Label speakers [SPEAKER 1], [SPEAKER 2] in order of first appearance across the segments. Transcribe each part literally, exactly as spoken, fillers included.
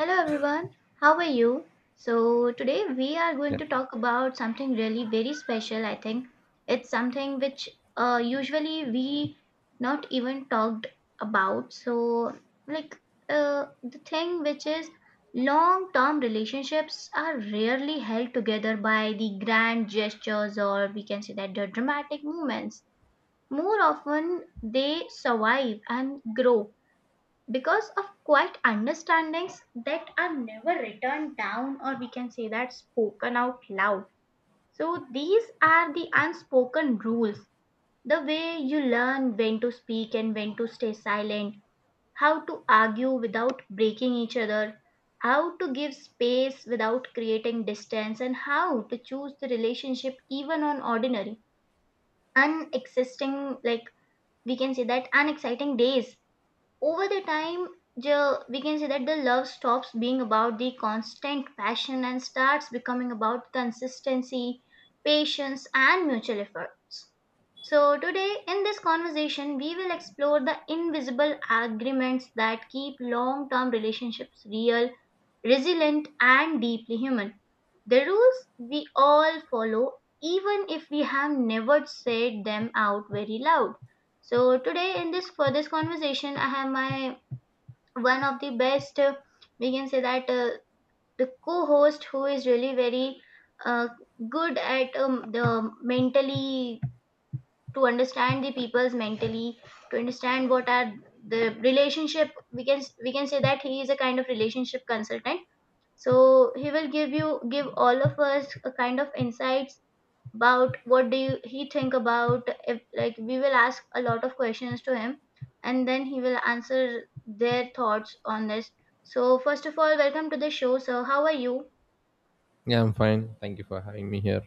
[SPEAKER 1] Hello everyone, how are you? So, today we are going
[SPEAKER 2] Yeah,
[SPEAKER 1] to talk about something really very special, I think. It's something which uh, usually we not even talked about. So, like uh, the thing which is, long term relationships are rarely held together by the grand gestures, or we can say that the dramatic moments. More often, they survive and grow because of quiet understandings that are never written down, or we can say that spoken out loud. So these are the unspoken rules: the way you learn when to speak and when to stay silent, how to argue without breaking each other, how to give space without creating distance, and how to choose the relationship even on ordinary unexisting, like we can say that unexciting days. Over the time, the, we can say that the love stops being about the constant passion and starts becoming about consistency, patience and mutual efforts. So today in this conversation we will explore the invisible agreements that keep long term relationships real, resilient, and deeply human. The rules we all follow, even if we have never said them out very loud. So today, in this, for this conversation, I have my one of the best. Uh, we can say that uh, the co-host who is really very uh, good at um, the mentally, to understand the people's mentally, to understand what are the relationship. We can we can say that he is a kind of relationship consultant, so he will give you give all of us a kind of insights about what do you, he think about. If like, we will ask a lot of questions to him and then he will answer their thoughts on this. So first of all, welcome to the show. So how are you?
[SPEAKER 2] yeah, I'm fine. Thank you for having me here.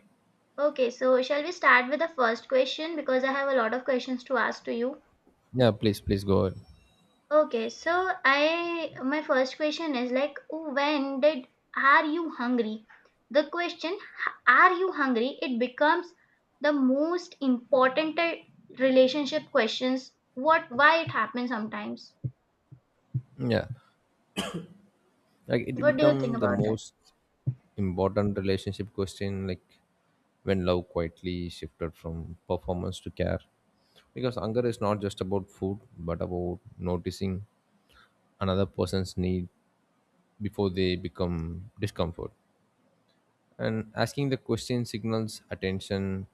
[SPEAKER 1] Okay, so shall we start with the first question, because I have a lot of questions to ask to you.
[SPEAKER 2] Yeah, please, please go ahead.
[SPEAKER 1] Okay, so I my first question is like, when did, are you hungry? The question, are you hungry, it becomes the most important uh, relationship questions. What, why it happens sometimes?
[SPEAKER 2] Yeah, like it
[SPEAKER 1] What do you
[SPEAKER 2] become
[SPEAKER 1] think
[SPEAKER 2] the
[SPEAKER 1] about that?
[SPEAKER 2] most important relationship question, like when love quietly shifted from performance to care. Because anger is not just about food, but about noticing another person's need before they become discomfort. And asking the question signals attention,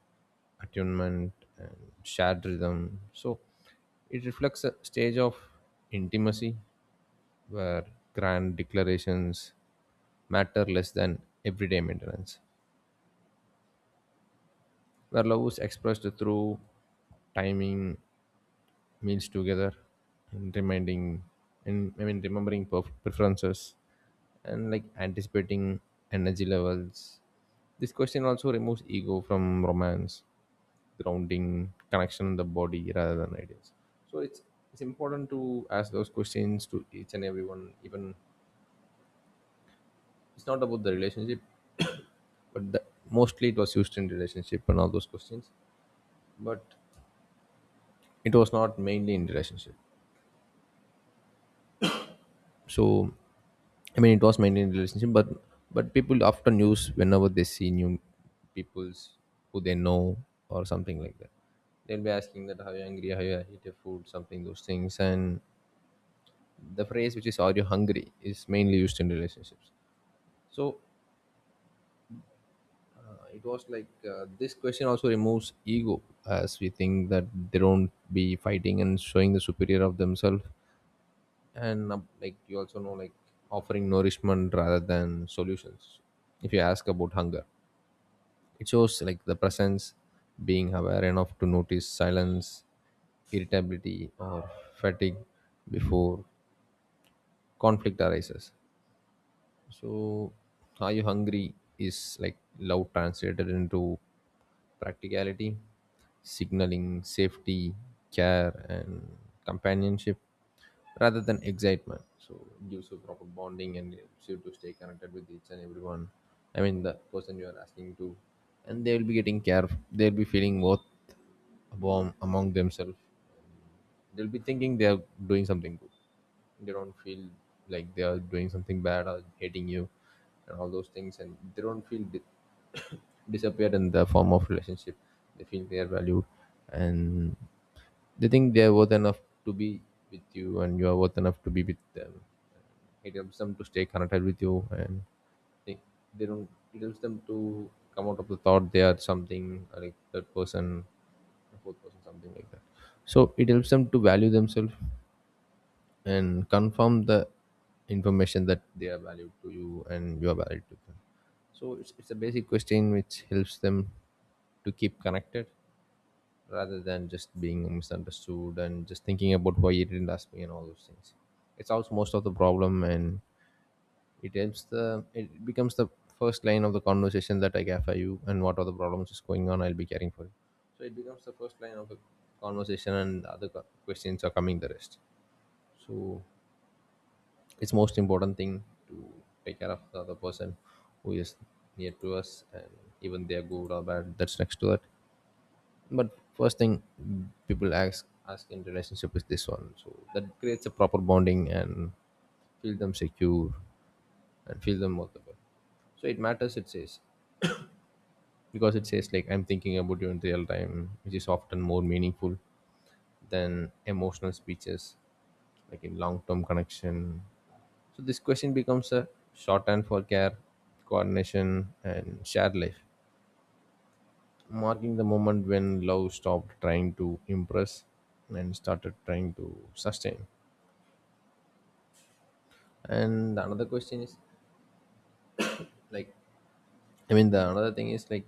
[SPEAKER 2] attunement, and shared rhythm. So it reflects a stage of intimacy where grand declarations matter less than everyday maintenance, where love is expressed through timing, meals together, and reminding and I mean remembering perf- preferences, and like anticipating energy levels. This question also removes ego from romance, grounding connection in the body rather than ideas. So it's it's important to ask those questions to each and everyone. Even it's not about the relationship, but the, mostly it was used in relationship and all those questions. But it was not mainly in relationship. So i mean it was mainly in relationship, but but people often use whenever they see new peoples who they know or something like that. They'll be asking that how you hungry, how you eat your food, something those things. And the phrase which is are you hungry is mainly used in relationships. So uh, it was like uh, this question also removes ego, as we think that they don't be fighting and showing the superior of themselves. And uh, like you also know, like offering nourishment rather than solutions. If you ask about hunger, it shows like the presence, being aware enough to notice silence, irritability, or fatigue before conflict arises. So are you hungry is like love translated into practicality, signaling safety, care, and companionship rather than excitement. So it gives you proper bonding and helps you to stay connected with each and everyone. I mean, the person you are asking to, and they will be getting care. They'll be feeling worth among, among themselves. They'll be thinking they're doing something good. They don't feel like they are doing something bad or hating you and all those things. And they don't feel di- disappeared in the form of relationship, they feel they are valued. And they think they are worth enough to be with you and you are worth enough to be with them. It helps them to stay connected with you. And they, they don't it helps them to come out of the thought they are something uh, like third person, fourth person, something like that. So it helps them to value themselves and confirm the information that they are valued to you and you are valued to them. So it's, it's a basic question which helps them to keep connected rather than just being misunderstood and just thinking about why you didn't ask me and all those things. It solves most of the problem. And it helps the it becomes the first line of the conversation that I have for you, and what are the problems is going on, I'll be caring for you. So it becomes the first line of the conversation, and the other co- questions are coming the rest. So it's most important thing to take care of the other person who is near to us. And even they are good or bad, that's next to that. But first thing people ask ask in relationship is this one, so that creates a proper bonding and feel them secure and feel them workable. So it matters. It says, because it says like I'm thinking about you in real time, which is often more meaningful than emotional speeches, like in long-term connection. So this question becomes a shorthand for care, coordination, and shared life, marking the moment when love stopped trying to impress and started trying to sustain. And the another question is like, i mean the another thing is like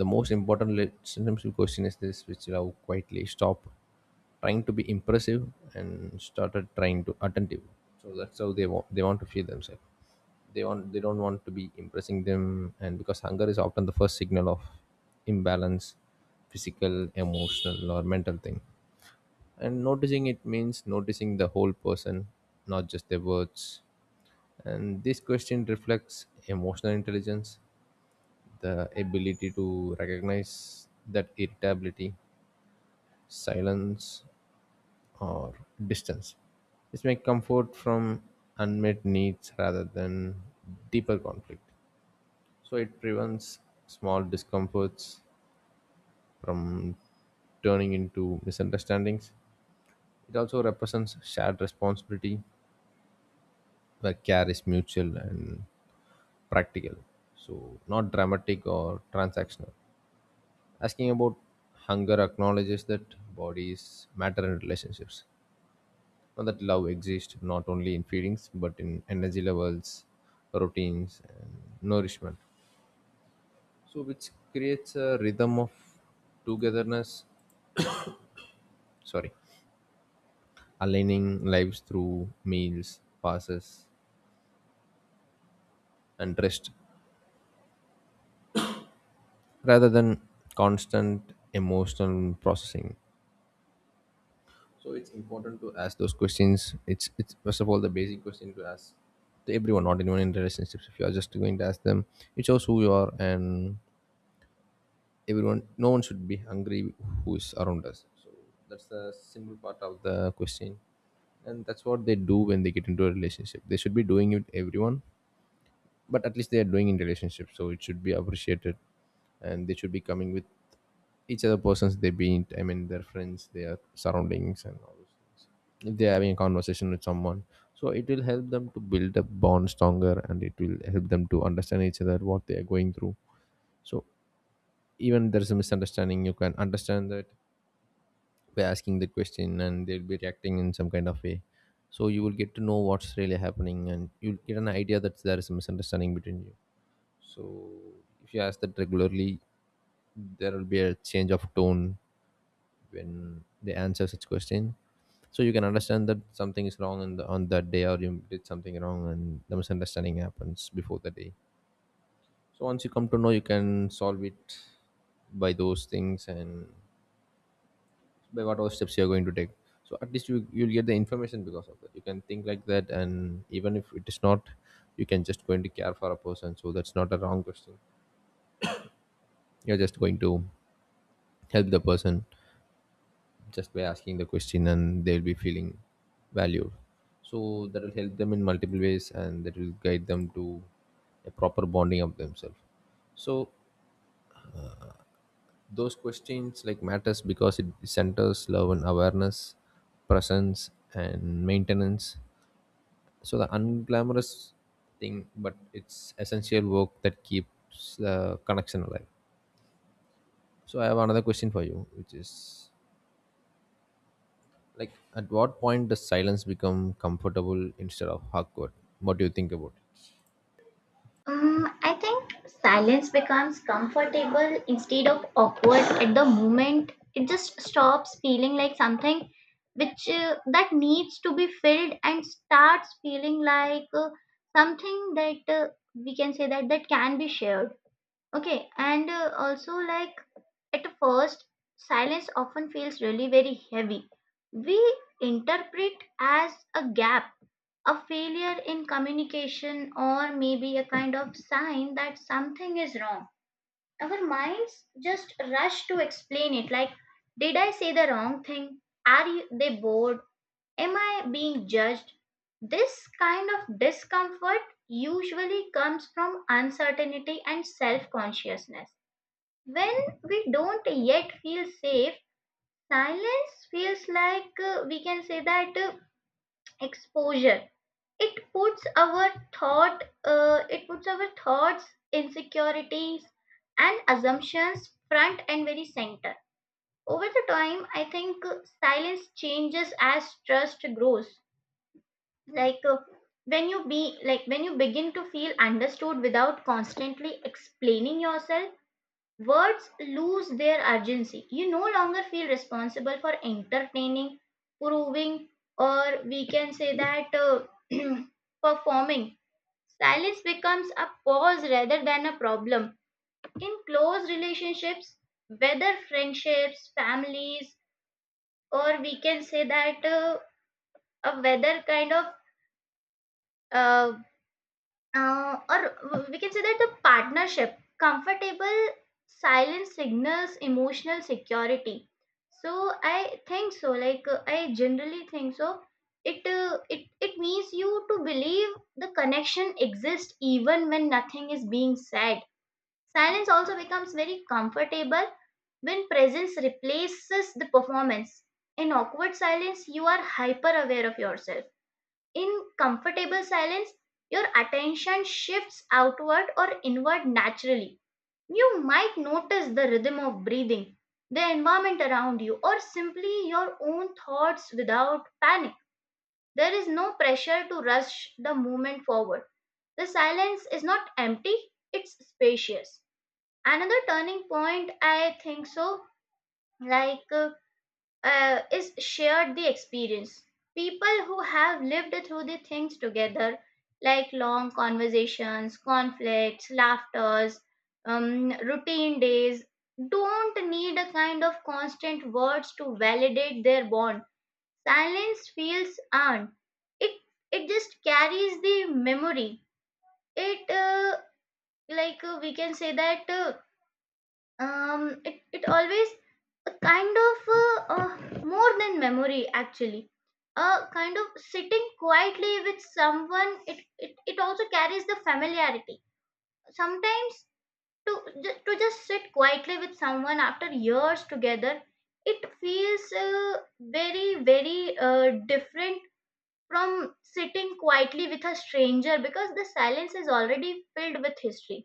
[SPEAKER 2] the most important relationship question is this, which love quietly stopped trying to be impressive and started trying to attentive. So that's how they want, they want to feel themselves. They want, they don't want to be impressing them. And because hunger is often the first signal of imbalance, physical, emotional, or mental thing. And noticing it means noticing the whole person, not just their words. And this question reflects emotional intelligence, the ability to recognize that irritability, silence, or distance, this may comfort from unmet needs rather than deeper conflict. So it prevents small discomforts from turning into misunderstandings. It also represents shared responsibility, where care is mutual and practical, so not dramatic or transactional. Asking about hunger acknowledges that bodies matter in relationships, and that love exists not only in feelings but in energy levels, routines, and nourishment. So, which creates a rhythm of togetherness, sorry, aligning lives through meals, passes, and rest rather than constant emotional processing. So it's important to ask those questions. It's it's first of all the basic question to ask to everyone, not anyone in relationships. If you are just going to ask them, it shows who you are. And everyone, no one should be hungry who is around us. So that's the simple part of the question, and that's what they do when they get into a relationship. They should be doing it everyone, but at least they are doing in relationship, so it should be appreciated. And they should be coming with each other persons they meet. I mean, their friends, their surroundings, and all, if they're having a conversation with someone. So it will help them to build a bond stronger, and it will help them to understand each other what they are going through. So even there's a misunderstanding, you can understand that by asking the question, and they'll be reacting in some kind of way. So you will get to know what's really happening, and you'll get an idea that there is a misunderstanding between you. So if you ask that regularly, there will be a change of tone when they answer such question. So you can understand that something is wrong on, the, on that day, or you did something wrong and the misunderstanding happens before the day. So once you come to know, you can solve it by those things and by what all steps you're going to take. So at least you, you'll get the information, because of that you can think like that. And even if it is not, you can just going to care for a person, so that's not a wrong question. You're just going to help the person just by asking the question, and they'll be feeling valued. So that will help them in multiple ways, and that will guide them to a proper bonding of themselves. So those questions like matters, because it centers love and awareness, presence and maintenance. So the unglamorous thing, but it's essential work that keeps the connection alive. So I have another question for you, which is like, at what point does silence become comfortable instead of awkward? What do you think about
[SPEAKER 1] Um, I think silence becomes comfortable instead of awkward at the moment. It just stops feeling like something which uh, that needs to be filled and starts feeling like uh, something that uh, we can say that that can be shared. Okay, and uh, also like at first, silence often feels really very heavy. We interpret as a gap, a failure in communication, or maybe a kind of sign that something is wrong. Our minds just rush to explain it like, did I say the wrong thing? Are you, they bored? Am I being judged? This kind of discomfort usually comes from uncertainty and self consciousness. When we don't yet feel safe, silence feels like, uh, we can say that, uh, exposure. It puts our thought uh, it puts our thoughts, insecurities and assumptions front and very center. Over the time, I think uh, silence changes as trust grows. like uh, when you be like when you begin to feel understood without constantly explaining yourself, words lose their urgency. You no longer feel responsible for entertaining, proving, or we can say that, uh, performing. Silence becomes a pause rather than a problem. In close relationships, whether friendships, families, or we can say that uh, a whether kind of uh, Uh, or we can say that the partnership, comfortable silence signals emotional security. So I think so. Like uh, I generally think so. It uh, it it means you to believe the connection exists even when nothing is being said. Silence also becomes very comfortable when presence replaces the performance. In awkward silence, you are hyper aware of yourself. In comfortable silence, your attention shifts outward or inward naturally. You might notice the rhythm of breathing, the environment around you, or simply your own thoughts without panic. There is no pressure to rush the movement forward. The silence is not empty, it's spacious. Another turning point, I think so, like uh, uh, is shared the experience. People who have lived through the things together, like long conversations, conflicts, laughters, um, routine days, don't need a kind of constant words to validate their bond. Silence feels earned. It it just carries the memory. It uh, like uh, We can say that. Uh, um it, it always a kind of uh, uh, more than memory, actually, a kind of sitting quietly with someone. It, it it also carries the familiarity sometimes, to ju- to just sit quietly with someone after years together, it feels uh, very very uh, different from sitting quietly with a stranger, because the silence is already filled with history.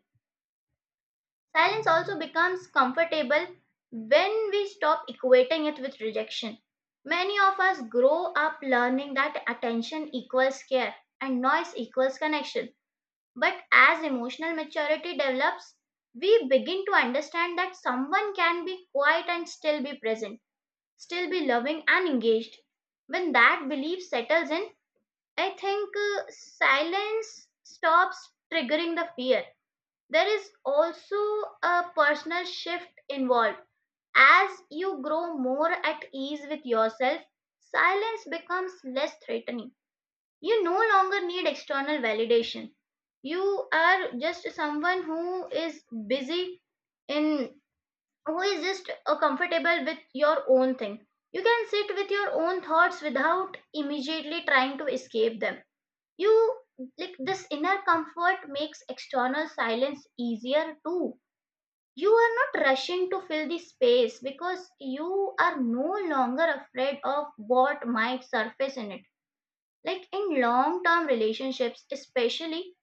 [SPEAKER 1] Silence also becomes comfortable when we stop equating it with rejection. Many of us grow up learning that attention equals care and noise equals connection. But as emotional maturity develops, we begin to understand that someone can be quiet and still be present, still be loving and engaged. When that belief settles in, I think uh, silence stops triggering the fear. There is also a personal shift involved. As you grow more at ease with yourself, silence becomes less threatening. You no longer need external validation. You are just someone who is busy in who is just uh, comfortable with your own thing. You can sit with your own thoughts without immediately trying to escape them. You like This inner comfort makes external silence easier too. You are not rushing to fill the space because you are no longer afraid of what might surface in it. Like in long term relationships especially,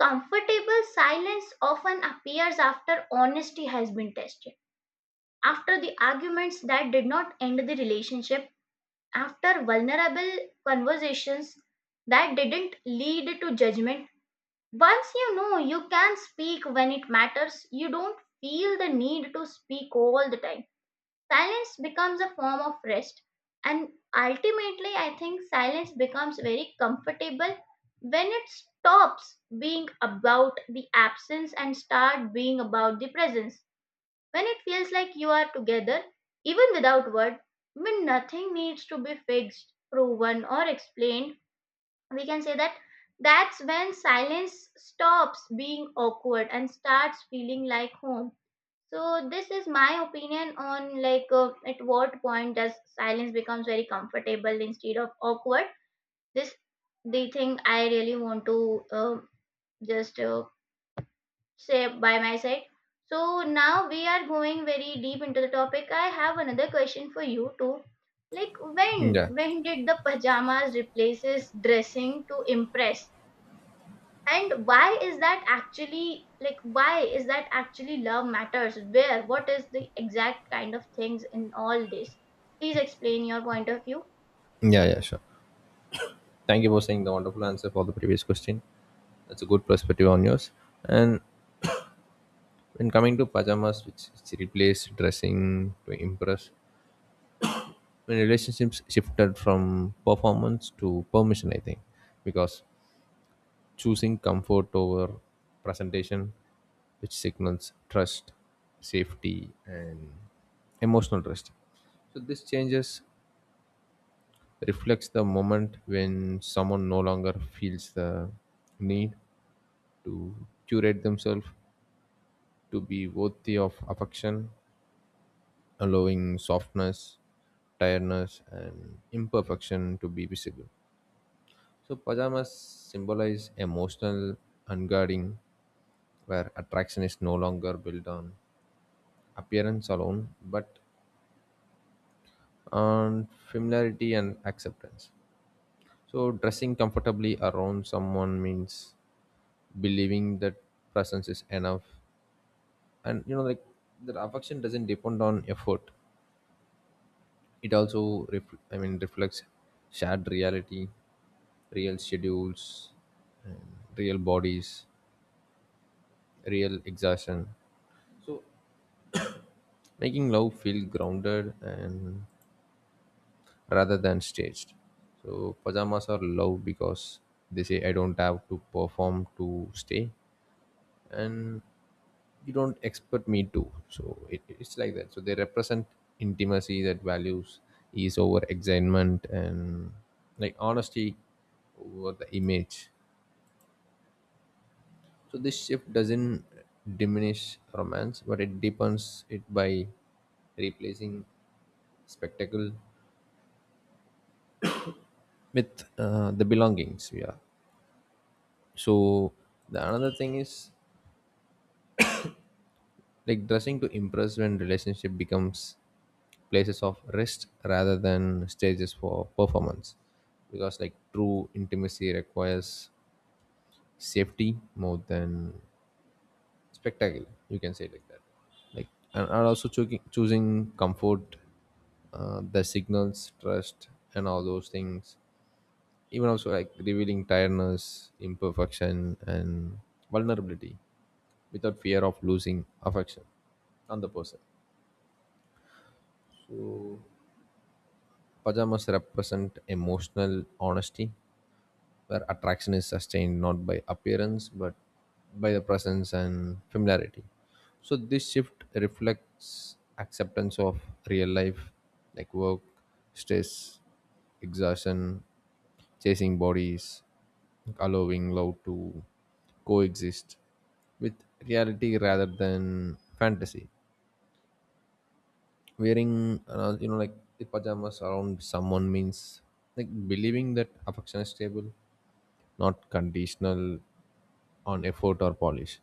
[SPEAKER 1] comfortable silence often appears after honesty has been tested, after the arguments that did not end the relationship, after vulnerable conversations that didn't lead to judgment. Once you know you can speak when it matters, you don't feel the need to speak all the time. Silence becomes a form of rest. And ultimately, I think silence becomes very comfortable when it stops being about the absence and start being about the presence, when it feels like you are together even without word, when nothing needs to be fixed, proven or explained. We can say that that's when silence stops being awkward and starts feeling like home. So this is my opinion on, like uh, at what point does silence becomes very comfortable instead of awkward. This, the thing I really want to uh, just uh, say by my side. So now we are going very deep into the topic. I have another question for you too, like
[SPEAKER 2] it?
[SPEAKER 1] when
[SPEAKER 2] Yeah.
[SPEAKER 1] when did the pajamas replaces dressing to impress, and why is that actually, like why is that actually love matters, where what is the exact kind of things in all this? Please explain your point of view.
[SPEAKER 2] Yeah, yeah, sure. Thank you for saying the wonderful answer for the previous question. That's a good perspective on yours. And when coming to pajamas, which is replaced dressing to impress, when relationships shifted from performance to permission, I think, because choosing comfort over presentation, which signals trust, safety, and emotional trust. So this changes reflects the moment when someone no longer feels the need to curate themselves to be worthy of affection, allowing softness, tiredness, and imperfection to be visible. So pajamas symbolize emotional unguarding, where attraction is no longer built on appearance alone but on familiarity and acceptance. So, dressing comfortably around someone means believing that presence is enough, and you know, like that affection doesn't depend on effort. It also ref- I mean, reflects shared reality, real schedules, and real bodies, real exhaustion, making love feel grounded and rather than staged. So pajamas are love because they say I don't have to perform to stay, and you don't expect me to. So it, it's like that. So they represent intimacy that values ease over excitement, and like honesty over the image. So this shift doesn't diminish romance, but it deepens it by replacing spectacle with uh, the belongings. Yeah. So the another thing is like dressing to impress, when relationship becomes places of rest rather than stages for performance, because like true intimacy requires safety more than spectacle, you can say like that. Like, and, and also choosing, choosing comfort uh, the signals trust and all those things. Even also like revealing tiredness, imperfection, and vulnerability without fear of losing affection on the person. Pajamas represent emotional honesty, where attraction is sustained not by appearance but by the presence and familiarity. So this shift reflects acceptance of real life, like work, stress, exhaustion, chasing bodies, allowing love to coexist with reality rather than fantasy. Wearing, uh, you know, like the pajamas around someone means like believing that affection is stable, not conditional on effort or polish.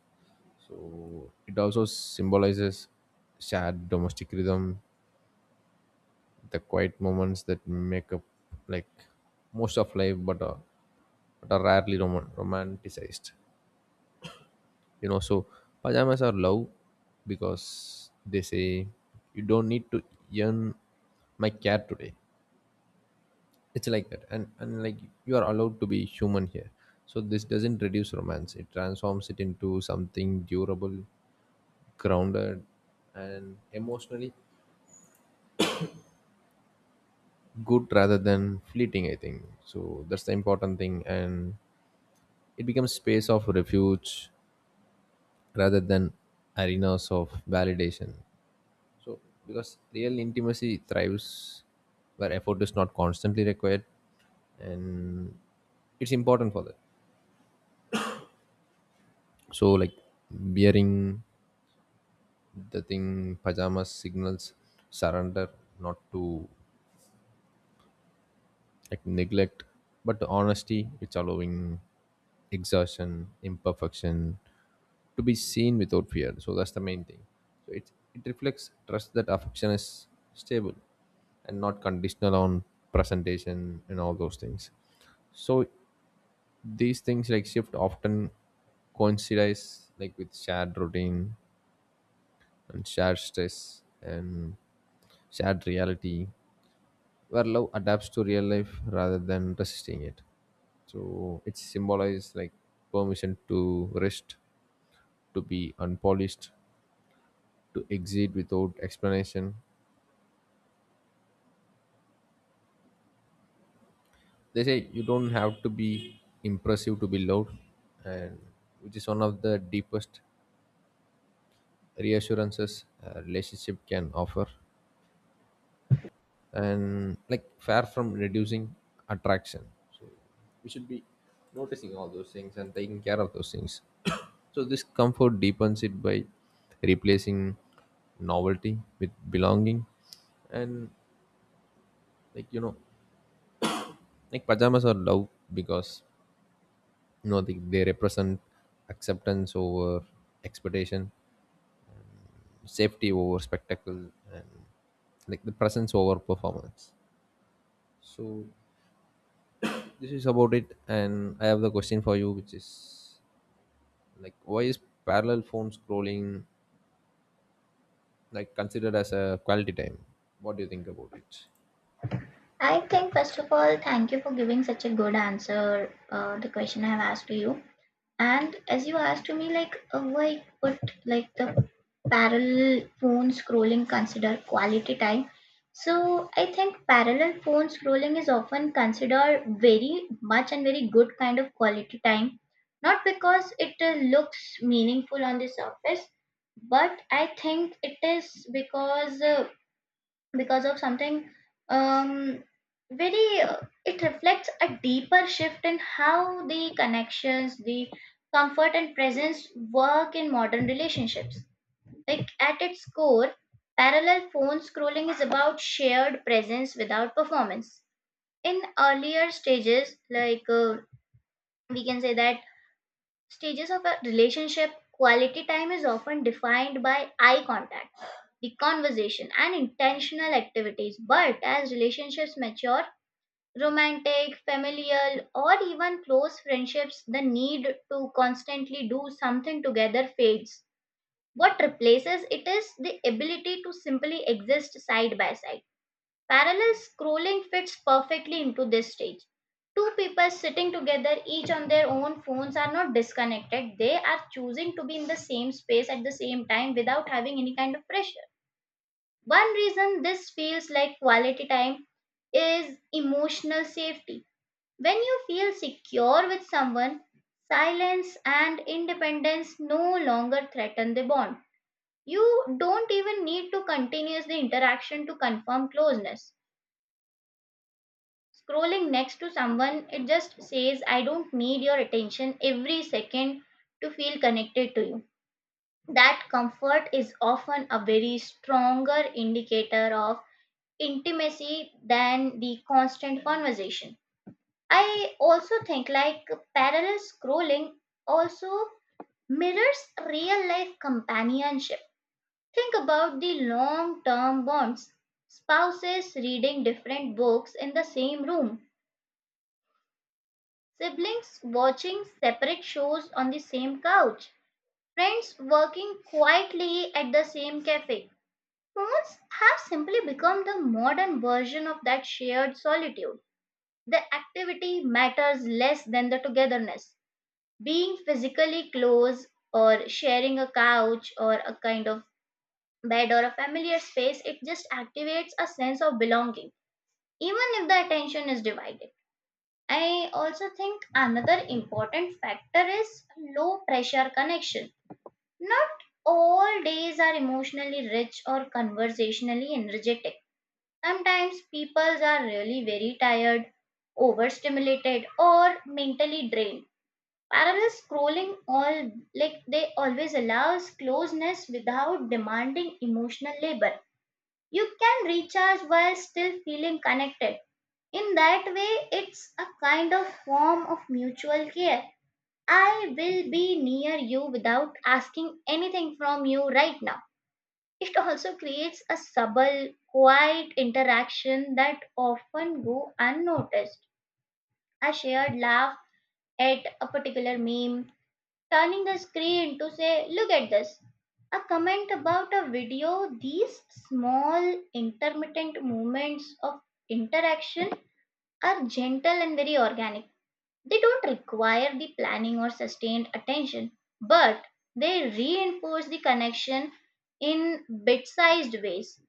[SPEAKER 2] So it also symbolizes shared domestic rhythm, the quiet moments that make up like most of life, but are, but are rarely rom- romanticized. You know, so pajamas are love because they say you don't need to earn my care today. It's like that, and and like you are allowed to be human here. So this doesn't reduce romance; it transforms it into something durable grounded and emotionally good rather than fleeting I think so that's the important thing and it becomes space of refuge rather than arenas of validation so because real intimacy thrives where effort is not constantly required and it's important for that so like wearing the thing pajamas signals surrender not to like neglect but honesty it's allowing exhaustion imperfection to be seen without fear so that's the main thing so it it reflects trust that affection is stable and not conditional on presentation and all those things so these things like shift often coincides like with shared routine and shared stress and shared reality where love adapts to real life rather than resisting it. So it symbolizes like permission to rest, to be unpolished, to exit without explanation. They say you don't have to be impressive to be loved, and which is one of the deepest reassurances a relationship can offer. And like far from reducing attraction. We should be noticing all those things and taking care of those things so this comfort deepens it by replacing novelty with belonging and like you know like pajamas are love because you know they, they represent acceptance over expectation, safety over spectacle, and like the presence over performance. So this is about it, and I have the question for you which is like, why is parallel phone scrolling like considered as a quality time? What do you think about it?
[SPEAKER 1] I think, first of all, thank you for giving such a good answer uh, the question I've asked to you. And as you asked to me, like, uh, why put like the parallel phone scrolling consider quality time? So I think parallel phone scrolling is often considered very much and very good kind of quality time, not because it uh, looks meaningful on the surface, but I think it is because uh, because of something um, very uh, it reflects a deeper shift in how the connections, the comfort and presence work in modern relationships. Like at its core, parallel phone scrolling is about shared presence without performance. In earlier stages, like uh, we can say that stages of a relationship, quality time is often defined by eye contact, the conversation, and intentional activities. But as relationships mature, romantic, familial, or even close friendships, the need to constantly do something together fades. What replaces it is the ability to simply exist side by side. Parallel scrolling fits perfectly into this stage. Two people sitting together, each on their own phones, are not disconnected. They are choosing to be in the same space at the same time without having any kind of pressure. One reason this feels like quality time is emotional safety. When you feel secure with someone, silence and independence no longer threaten the bond. You don't even need to continue the interaction to confirm closeness. Scrolling next to someone, it just says, I don't need your attention every second to feel connected to you. That comfort is often a very stronger indicator of intimacy than the constant conversation. I also think like parallel scrolling also mirrors real life companionship. Think about the long term bonds, spouses reading different books in the same room, siblings watching separate shows on the same couch, friends working quietly at the same cafe. Phones have simply become the modern version of that shared solitude. The activity matters less than the togetherness. Being physically close, or sharing a couch or a kind of bed or a familiar space, it just activates a sense of belonging, even if the attention is divided. I also think another important factor is low pressure connection. Not all days are emotionally rich or conversationally energetic. Sometimes people are really very tired, overstimulated, or mentally drained. Parallel scrolling all, like they always allows closeness without demanding emotional labor. You can recharge while still feeling connected. In that way, it's a kind of form of mutual care. I will be near you without asking anything from you right now. It also creates a subtle, quiet interaction that often go unnoticed. A shared laugh at a particular meme, turning the screen to say, look at this. A comment about a video, these small intermittent moments of interaction are gentle and very organic. They don't require the planning or sustained attention, but they reinforce the connection in bit sized ways.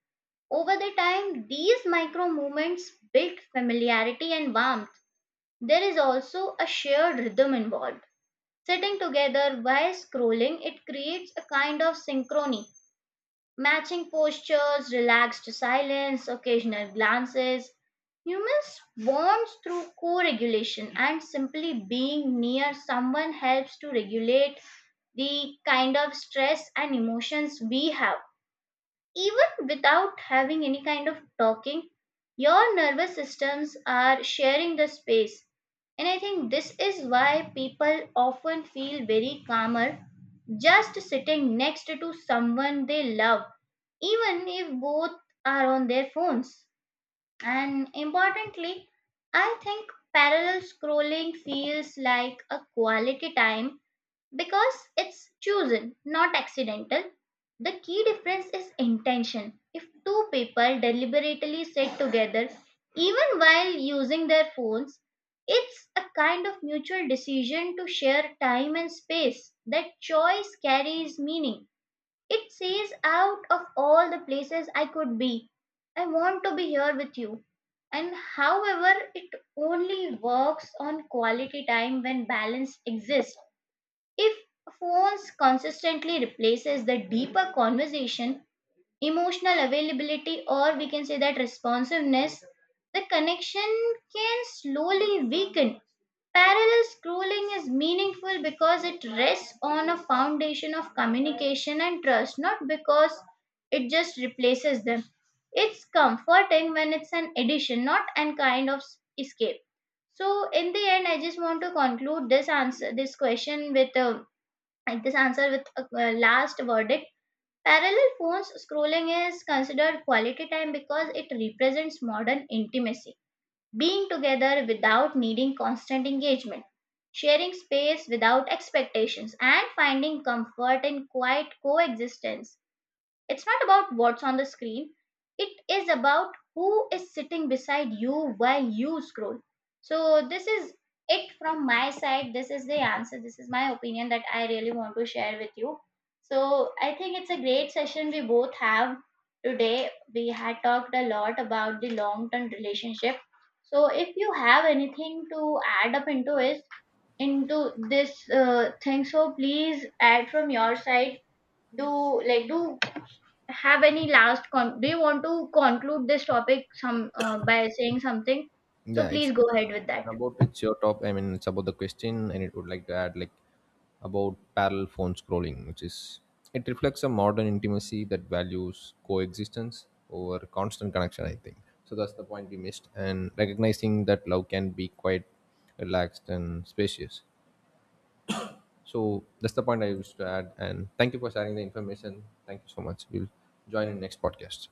[SPEAKER 1] Over the time, these micro movements build familiarity and warmth. There is also a shared rhythm involved. Sitting together while scrolling, it creates a kind of synchrony, matching postures, relaxed silence, occasional glances. Humans bond through co regulation, and simply being near someone helps to regulate the kind of stress and emotions we have. Even without having any kind of talking, your nervous systems are sharing the space. And I think this is why people often feel very calmer just sitting next to someone they love, even if both are on their phones. And importantly, I think parallel scrolling feels like a quality time because it's chosen, not accidental. The key difference is intention. If two people deliberately sit together, even while using their phones, it's a kind of mutual decision to share time and space. That choice carries meaning. It says, out of all the places I could be, I want to be here with you. And however, it only works on quality time when balance exists. If phones consistently replaces the deeper conversation, emotional availability, or we can say that responsiveness, the connection can slowly weaken. Parallel scrolling is meaningful because it rests on a foundation of communication and trust, not because it just replaces them. It's comforting when it's an addition, not an kind of s- escape. So, in the end, I just want to conclude this answer, this question with a, like this answer with a a last verdict. Parallel phones scrolling is considered quality time because it represents modern intimacy, being together without needing constant engagement, sharing space without expectations and finding comfort in quiet coexistence. It's not about what's on the screen, it is about who is sitting beside you while you scroll. So, this is it from my side. This is the answer. This is my opinion that I really want to share with you. So, I think it's a great session we both have today. We had talked a lot about the long term relationship. So, if you have anything to add up into it, into this uh, thing, so please add from your side. Do like do have any last con- do you want to conclude this topic some uh, by saying something, so
[SPEAKER 2] Yeah, it's.
[SPEAKER 1] please go ahead with that
[SPEAKER 2] And about it's your top. I mean, it's about the question, and it would like to add like about parallel phone scrolling, which is it reflects a modern intimacy that values coexistence over constant connection. I think so. That's the point we missed, and recognizing that love can be quite relaxed and spacious. So that's the point I used to add. And thank you for sharing the information. Thank you so much. We'll join in next podcast.